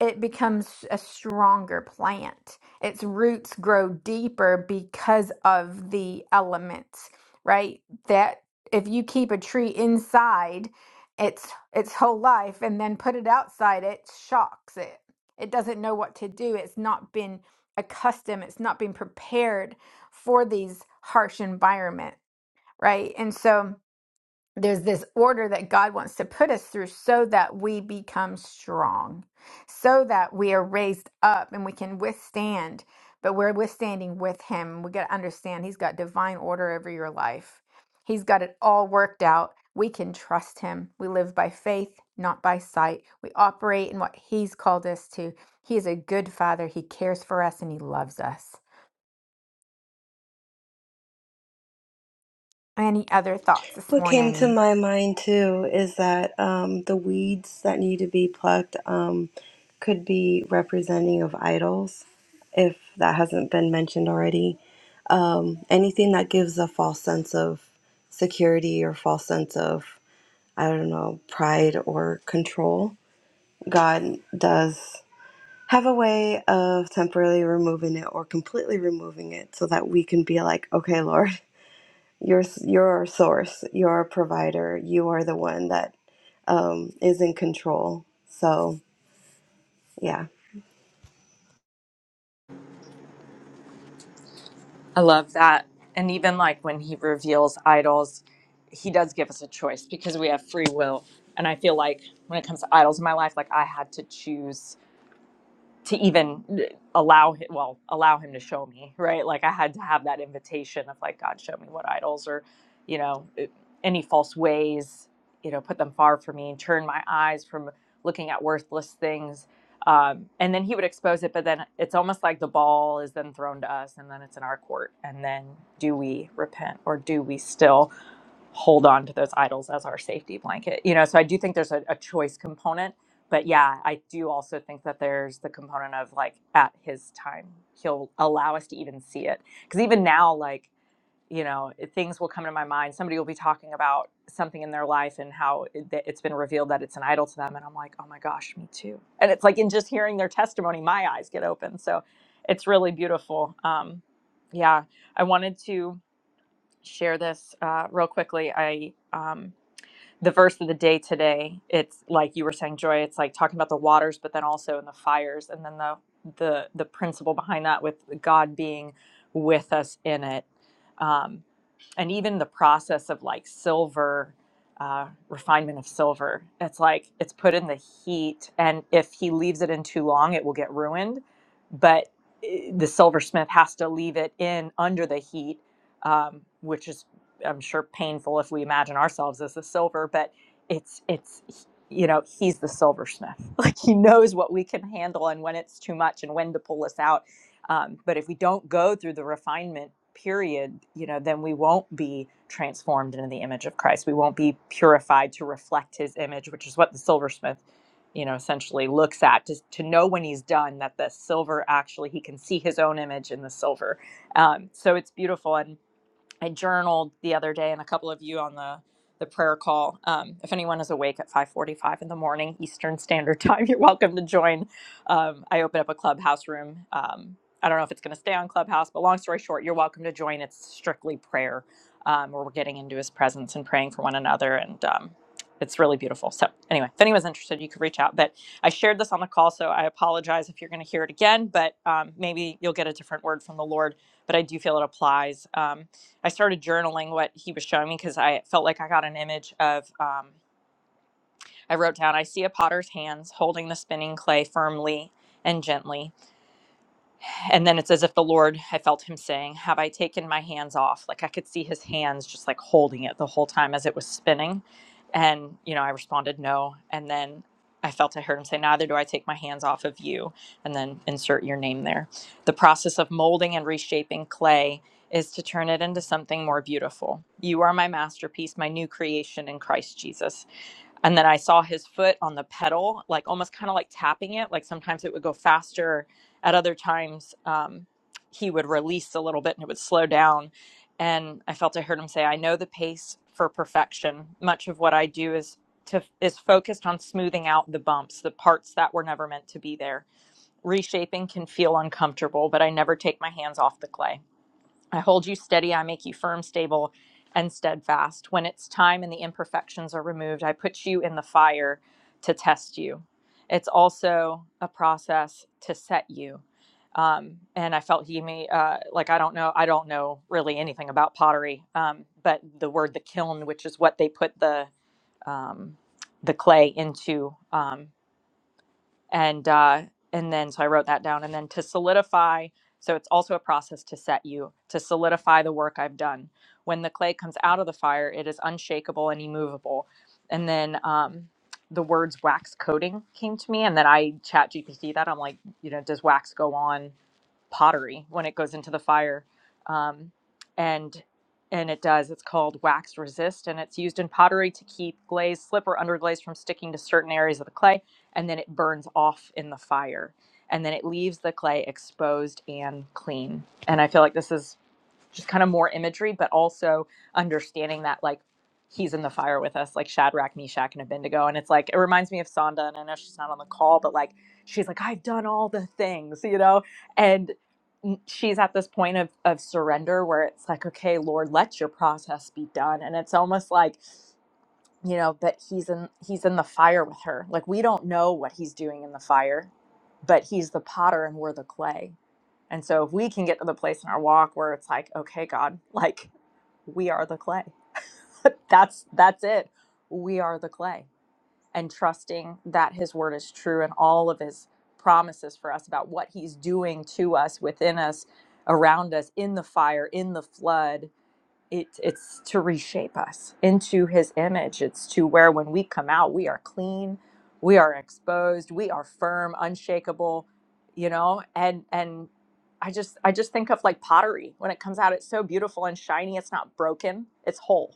Speaker 1: it becomes a stronger plant. Its roots grow deeper because of the elements, right? That if you keep a tree inside its its whole life and then put it outside, it shocks it. It doesn't know what to do. It's not been accustomed, it's not been prepared for these harsh environment, right? And so there's this order that God wants to put us through so that we become strong, so that we are raised up and we can withstand, but we're withstanding with Him. We got to understand He's got divine order over your life, He's got it all worked out. We can trust Him. We live by faith, not by sight. We operate in what He's called us to. He is a good Father, He cares for us, and He loves us. Any other thoughts this
Speaker 5: What came to
Speaker 1: morning?
Speaker 5: my mind too is that um, the weeds that need to be plucked um, could be representing of idols, if that hasn't been mentioned already. Um, anything that gives a false sense of security or false sense of, I don't know, pride or control. God does. have a way of temporarily removing it or completely removing it so that we can be like okay lord you're you're our source you're our provider you are the one that um, is in control so yeah
Speaker 8: I love that. And even like when he reveals idols, he does give us a choice because we have free will. And I feel like when it comes to idols in my life, like I had to choose to even eh, allow him well allow him to show me right like i had to have that invitation of like god show me what idols or you know eh, any false ways you know put them far from me and turn my eyes from looking at worthless things um, and then he would expose it but then it's almost like the ball is then thrown to us and then it's in our court and then do we repent or do we still hold on to those idols as our safety blanket. You know, so I do think there's a, a choice component, but yeah, I do also think that there's the component of like at his time, he'll allow us to even see it. Because even now, like, you know, things will come to my mind. Somebody will be talking about something in their life and how it, that it's been revealed that it's an idol to them. And I'm like, oh my gosh, me too. And it's like in just hearing their testimony, my eyes get open. So it's really beautiful. Um, yeah, I wanted to share this uh, real quickly. I um, the verse of the day today. It's like you were saying, Joy. It's like talking about the waters, but then also in the fires, and then the the the principle behind that with God being with us in it. Um, and even the process of like silver uh, refinement of silver it's like it's put in the heat and if he leaves it in too long it will get ruined but eh, the silversmith has to leave it in under the heat um, which is i'm sure painful if we imagine ourselves as the silver but it's it's you know he's the silversmith like he knows what we can handle and when it's too much and when to pull us out um, but if we don't go through the refinement period, you know, then we won't be transformed into the image of Christ. We won't be purified to reflect His image, which is what the silversmith, you know, essentially looks at to to know when he's done that the silver actually he can see his own image in the silver. Um, so it's beautiful and I journaled the other day, and a couple of you on the the prayer call. Um, if anyone is awake at 5:45 in the morning Eastern Standard Time, you're welcome to join. Um, I open up a clubhouse room. Um, I don't know if it's going to stay on Clubhouse, but long story short, you're welcome to join. It's strictly prayer, um, where we're getting into His presence and praying for one another, and um, it's really beautiful. So, anyway, if anyone's interested, you could reach out. But I shared this on the call, so I apologize if you're going to hear it again. But um, maybe you'll get a different word from the Lord but I do feel it applies. Um, I started journaling what he was showing me because I felt like I got an image of. Um, I wrote down, I see a potter's hands holding the spinning clay firmly and gently and then it's as if the lord i felt him saying have i taken my hands off like i could see his hands just like holding it the whole time as it was spinning and you know i responded no and then i felt i heard him say neither do i take my hands off of you and then insert your name there the process of molding and reshaping clay is to turn it into something more beautiful you are my masterpiece my new creation in christ jesus and then I saw his foot on the pedal, like almost kind of like tapping it. Like sometimes it would go faster, at other times um, he would release a little bit and it would slow down. And I felt I heard him say, "I know the pace for perfection. Much of what I do is to is focused on smoothing out the bumps, the parts that were never meant to be there. Reshaping can feel uncomfortable, but I never take my hands off the clay." I hold you steady, I make you firm, stable, and steadfast. When it's time and the imperfections are removed, I put you in the fire to test you. It's also a process to set you. Um, and I felt he may, uh, like, I don't know, I don't know really anything about pottery, um, but the word the kiln, which is what they put the, um, the clay into. Um, and uh, and then so I wrote that down. And then to solidify, so it's also a process to set you to solidify the work I've done. When the clay comes out of the fire, it is unshakable and immovable. And then um, the words wax coating came to me, and then I chat GPT that I'm like, you know, does wax go on pottery when it goes into the fire? Um, and and it does. It's called wax resist, and it's used in pottery to keep glaze, slip, or underglaze from sticking to certain areas of the clay and then it burns off in the fire and then it leaves the clay exposed and clean and i feel like this is just kind of more imagery but also understanding that like he's in the fire with us like shadrach meshach and abednego and it's like it reminds me of sonda and i know she's not on the call but like she's like i've done all the things you know and she's at this point of of surrender where it's like okay lord let your process be done and it's almost like you know that he's in he's in the fire with her like we don't know what he's doing in the fire but he's the potter and we're the clay and so if we can get to the place in our walk where it's like okay god like we are the clay that's that's it we are the clay and trusting that his word is true and all of his promises for us about what he's doing to us within us around us in the fire in the flood it it's to reshape us into his image it's to where when we come out we are clean we are exposed we are firm unshakable you know and and i just i just think of like pottery when it comes out it's so beautiful and shiny it's not broken it's whole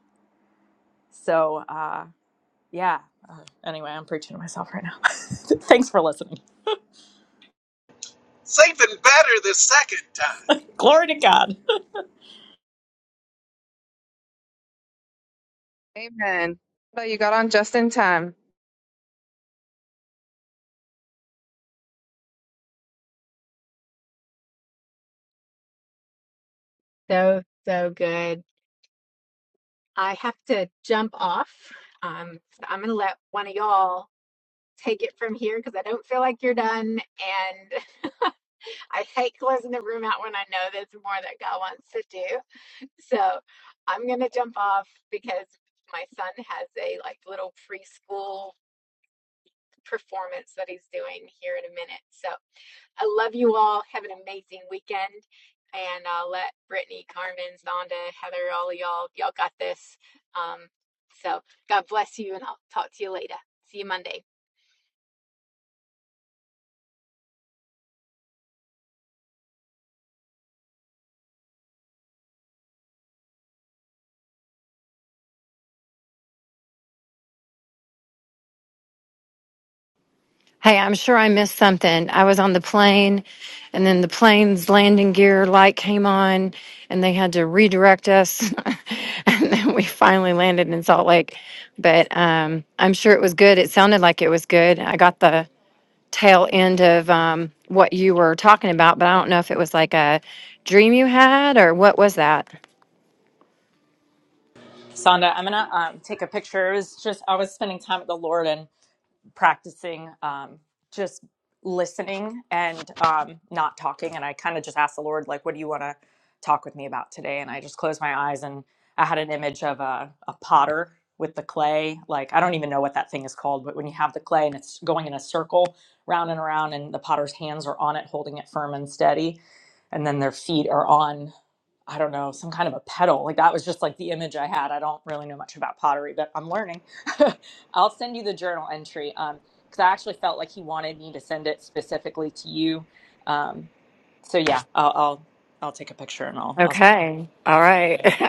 Speaker 8: so uh yeah anyway i'm preaching to myself right now thanks for listening
Speaker 2: It's even better the second time.
Speaker 8: glory to god
Speaker 3: Amen. So you got on just in time.
Speaker 1: So, so good. I have to jump off. Um, so I'm going to let one of y'all take it from here because I don't feel like you're done. And I hate closing the room out when I know there's more that God wants to do. So I'm going to jump off because my son has a like little preschool performance that he's doing here in a minute. So I love you all. Have an amazing weekend. And uh, let Brittany, Carmen, Zonda, Heather, all of y'all, y'all got this. Um, so God bless you, and I'll talk to you later. See you Monday.
Speaker 9: Hey, I'm sure I missed something. I was on the plane and then the plane's landing gear light came on and they had to redirect us. and then we finally landed in Salt Lake. But um, I'm sure it was good. It sounded like it was good. I got the tail end of um, what you were talking about, but I don't know if it was like a dream you had or what was that?
Speaker 8: sonda i'm gonna um, take a picture it was just i was spending time with the lord and. practicing um, just listening and um, not talking. And I kind of just asked the Lord, like, what do you want to talk with me about today? And I just closed my eyes and I had an image of a, a potter with the clay. Like, I don't even know what that thing is called, but when you have the clay and it's going in a circle round and around, and the potter's hands are on it, holding it firm and steady, and then their feet are on. I don't know, some kind of a pedal. Like that was just like the image I had. I don't really know much about pottery, but I'm learning. I'll send you the journal entry um because I actually felt like he wanted me to send it specifically to you. Um, so yeah, I'll I'll I'll take a picture and I'll I'll.
Speaker 9: Okay. All right.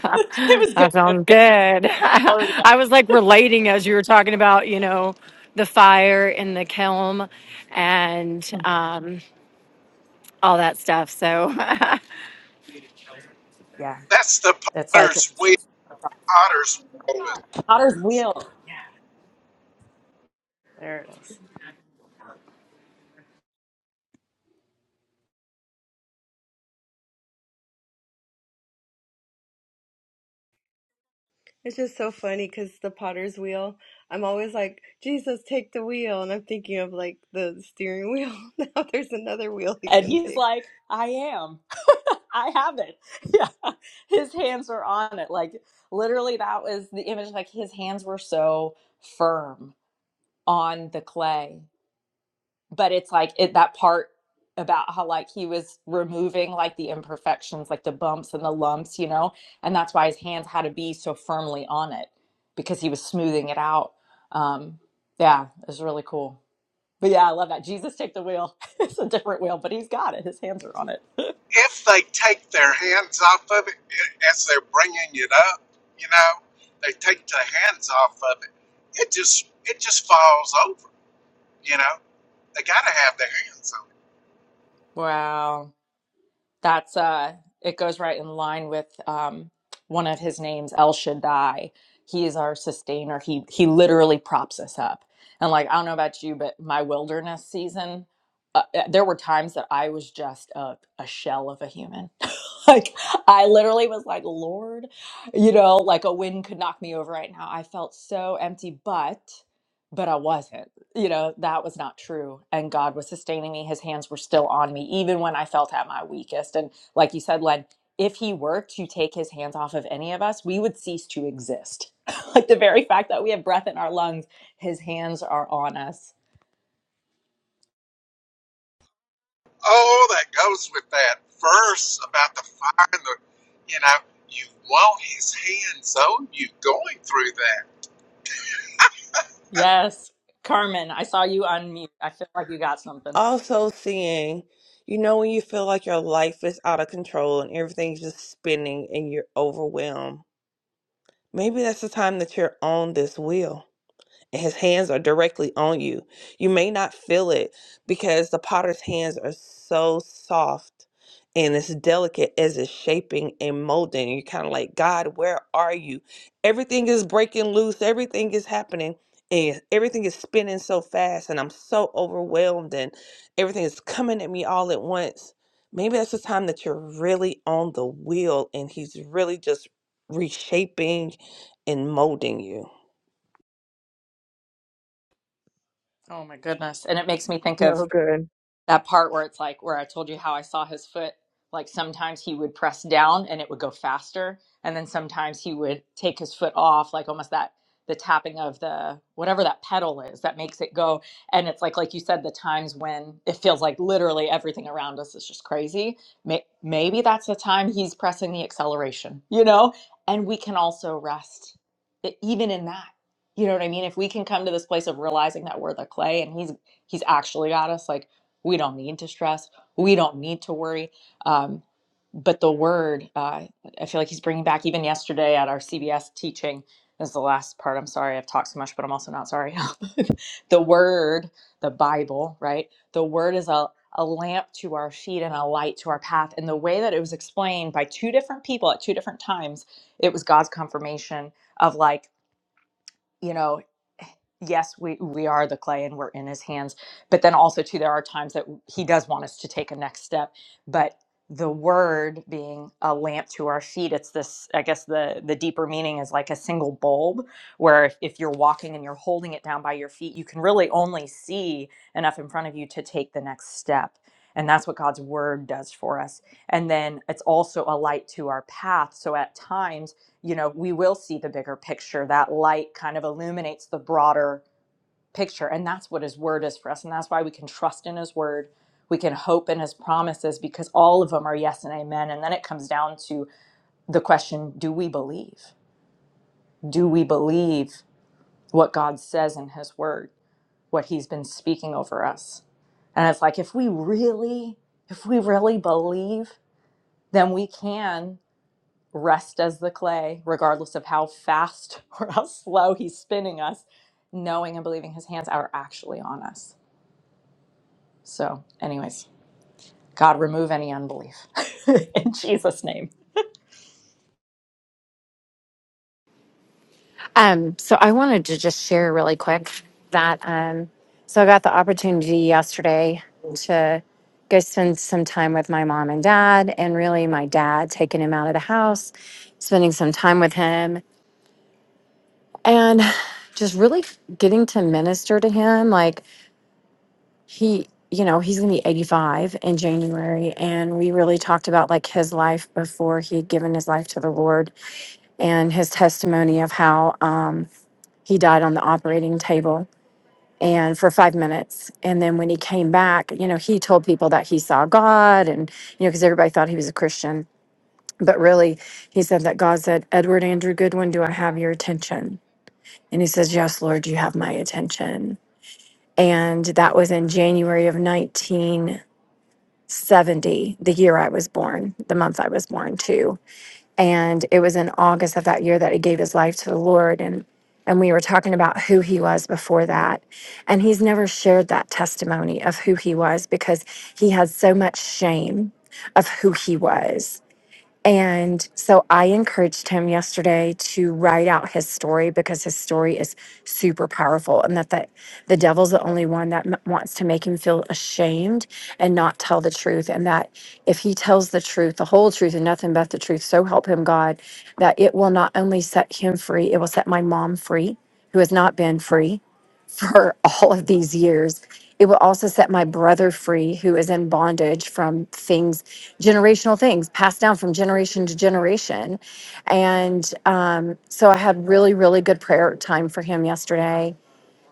Speaker 8: it was good.
Speaker 9: that
Speaker 8: It was
Speaker 9: sounds
Speaker 8: good.
Speaker 9: good.
Speaker 8: Glory to
Speaker 9: I was like relating as you were talking about, you know, the fire in the kiln and
Speaker 8: God.
Speaker 9: um, all that stuff. So,
Speaker 8: Yeah,
Speaker 2: That's the
Speaker 8: it's like
Speaker 2: potter's wheel potter's wheel
Speaker 8: Potter's
Speaker 2: is
Speaker 8: wheel. Yeah, there it is.
Speaker 5: it's just so funny because the potter's wheel i'm always like jesus take the wheel and i'm thinking of like the steering wheel now there's another wheel he
Speaker 8: And
Speaker 5: can
Speaker 8: he's
Speaker 5: take
Speaker 8: like, I am. I have it. Yeah, his hands were on it. Like literally, that was the image. Like his hands were so firm on the clay but it's like it, that part about how like he was removing like the imperfections like the bumps and the lumps you know and that's why his hands had to be so firmly on it because he was smoothing it out um yeah it was really cool but yeah i love that jesus take the wheel it's a different wheel but he's got it his hands are on it
Speaker 2: if they take their hands off of it as they're bringing it up, you know, they take their hands off of it, it just it just falls over. You know, they got to have their hands on it.
Speaker 8: wow that's uh it goes right in line with um one of his names el shaddai he is our sustainer he he literally props us up and like i don't know about you but my wilderness season uh, uh, there were times that i was just a, a shell of a human like i literally was like lord you know like a wind could knock me over right now i felt so empty but but i wasn't you know, that was not true. And God was sustaining me. His hands were still on me, even when I felt at my weakest. And like you said, Len, if he were to take his hands off of any of us, we would cease to exist. like the very fact that we have breath in our lungs, his hands are on us.
Speaker 2: Oh, that goes with that verse about the fire and the, you know, you want his hands on you going through that.
Speaker 8: Yes. Carmen, I saw you unmute. I feel like you got something.
Speaker 4: also seeing, you know, when you feel like your life is out of control and everything's just spinning and you're overwhelmed, maybe that's the time that you're on this wheel. and his hands are directly on you. You may not feel it because the potter's hands are so soft and it's delicate as it's shaping and molding. And You're kind of like, God, where are you? Everything is breaking loose, everything is happening, and everything is spinning so fast, and I'm so overwhelmed, and everything is coming at me all at once. Maybe that's the time that you're really on the wheel and he's really just reshaping and molding you.
Speaker 8: Oh my goodness. And it makes me think of
Speaker 3: So good.
Speaker 8: that part where it's like where I told you how I saw his foot. Like sometimes he would press down and it would go faster, and then sometimes he would take his foot off, like almost that the tapping of the whatever that pedal is that makes it go. And it's like like you said, the times when it feels like literally everything around us is just crazy. May- Maybe that's the time he's pressing the acceleration, you know. And we can also rest, e- even in that. You know what I mean? If we can come to this place of realizing that we're the clay and he's he's actually got us, like we don't need to stress. We don't need to worry. Um, but the word, uh, I feel like he's bringing back even yesterday at our CBS teaching. This is the last part. I'm sorry I've talked so much, but I'm also not sorry. the word, the Bible, right? The word is a, a lamp to our feet and a light to our path. And the way that it was explained by two different people at two different times, it was God's confirmation of like, you know yes, we we are the clay and we're in his hands. But then also too, there are times that he does want us to take a next step. But the word being a lamp to our feet, it's this, I guess the the deeper meaning is like a single bulb, where if, if you're walking and you're holding it down by your feet, you can really only see enough in front of you to take the next step. And that's what God's word does for us. And then it's also a light to our path. So at times you know, we will see the bigger picture. That light kind of illuminates the broader picture. And that's what his word is for us. And that's why we can trust in his word. We can hope in his promises because all of them are yes and amen. And then it comes down to the question do we believe? Do we believe what God says in his word, what he's been speaking over us? And it's like, if we really, if we really believe, then we can rest as the clay, regardless of how fast or how slow he's spinning us, knowing and believing his hands are actually on us. So, anyways, God, remove any unbelief in Jesus' name.
Speaker 9: um, so I wanted to just share really quick that. Um, so I got the opportunity yesterday to go spend some time with my mom and dad, and really my dad taking him out of the house, spending some time with him and just really getting to minister to him like he you know he's going to be 85 in january and we really talked about like his life before he had given his life to the lord and his testimony of how um, he died on the operating table and for five minutes and then when he came back you know he told people that he saw god and you know because everybody thought he was a christian but really he said that god said edward andrew goodwin do i have your attention and he says, Yes, Lord, you have my attention. And that was in January of 1970, the year I was born, the month I was born too. And it was in August of that year that he gave his life to the Lord. And and we were talking about who he was before that. And he's never shared that testimony of who he was because he had so much shame of who he was. And so I encouraged him yesterday to write out his story because his story is super powerful and that the, the devil's the only one that m- wants to make him feel ashamed and not tell the truth. And that if he tells the truth, the whole truth and nothing but the truth, so help him God, that it will not only set him free, it will set my mom free, who has not been free for all of these years. It will also set my brother free, who is in bondage from things, generational things passed down from generation to generation. And um, so I had really, really good prayer time for him yesterday.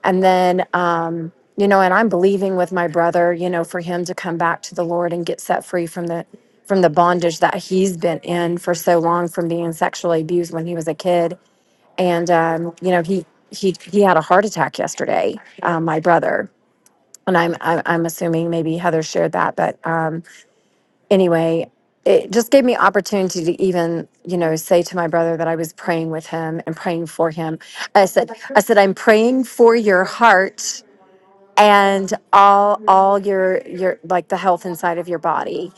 Speaker 9: And then, um, you know, and I'm believing with my brother, you know, for him to come back to the Lord and get set free from the from the bondage that he's been in for so long from being sexually abused when he was a kid and um, you know he he he had a heart attack yesterday. Um, my brother and I'm, I'm I'm assuming maybe Heather shared that, but um, anyway, it just gave me opportunity to even you know say to my brother that I was praying with him and praying for him. I said I said I'm praying for your heart and all all your your like the health inside of your body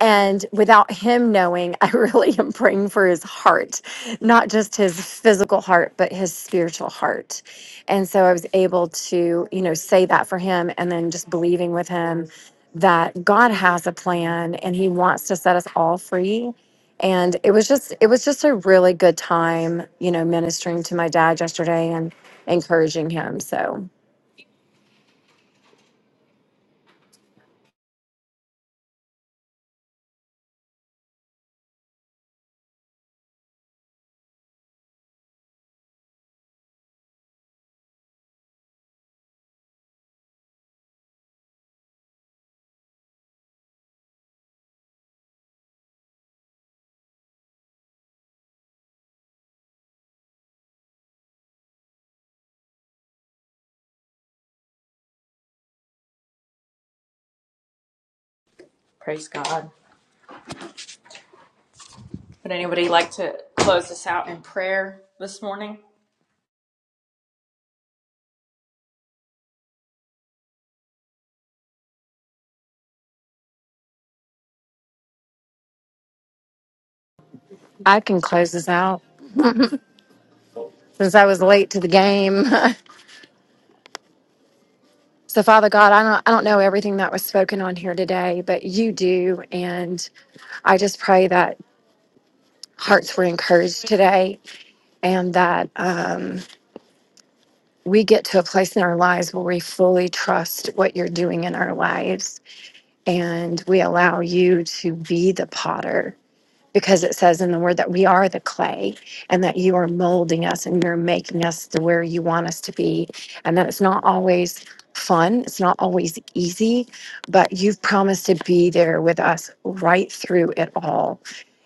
Speaker 9: and without him knowing i really am praying for his heart not just his physical heart but his spiritual heart and so i was able to you know say that for him and then just believing with him that god has a plan and he wants to set us all free and it was just it was just a really good time you know ministering to my dad yesterday and encouraging him so
Speaker 8: Praise God. Would anybody like to close this out in prayer this morning?
Speaker 9: I can close this out since I was late to the game. so Father God, I don't I don't know everything that was spoken on here today, but you do and I just pray that hearts were encouraged today and that um, we get to a place in our lives where we fully trust what you're doing in our lives and we allow you to be the potter because it says in the word that we are the clay and that you are molding us and you're making us to where you want us to be and that it's not always fun it's not always easy but you've promised to be there with us right through it all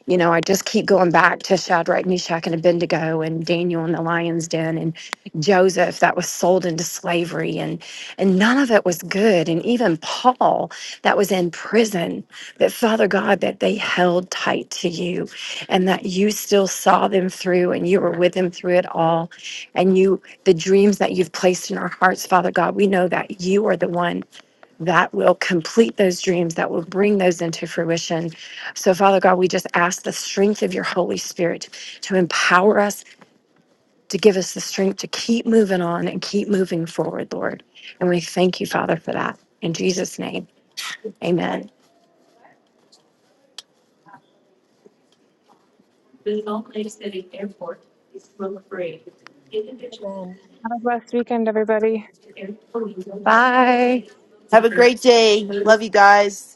Speaker 9: you know i just keep going back to shadrach meshach and abednego and daniel in the lion's den and joseph that was sold into slavery and and none of it was good and even paul that was in prison that Father God, that they held tight to you and that you still saw them through and you were with them through it all. And you, the dreams that you've placed in our hearts, Father God, we know that you are the one that will complete those dreams, that will bring those into fruition. So, Father God, we just ask the strength of your Holy Spirit to empower us. To give us the strength to keep moving on and keep moving forward, Lord. And we thank you, Father, for that. In Jesus' name, amen.
Speaker 3: Have a blessed weekend, everybody.
Speaker 9: Bye.
Speaker 10: Have a great day. Love you guys.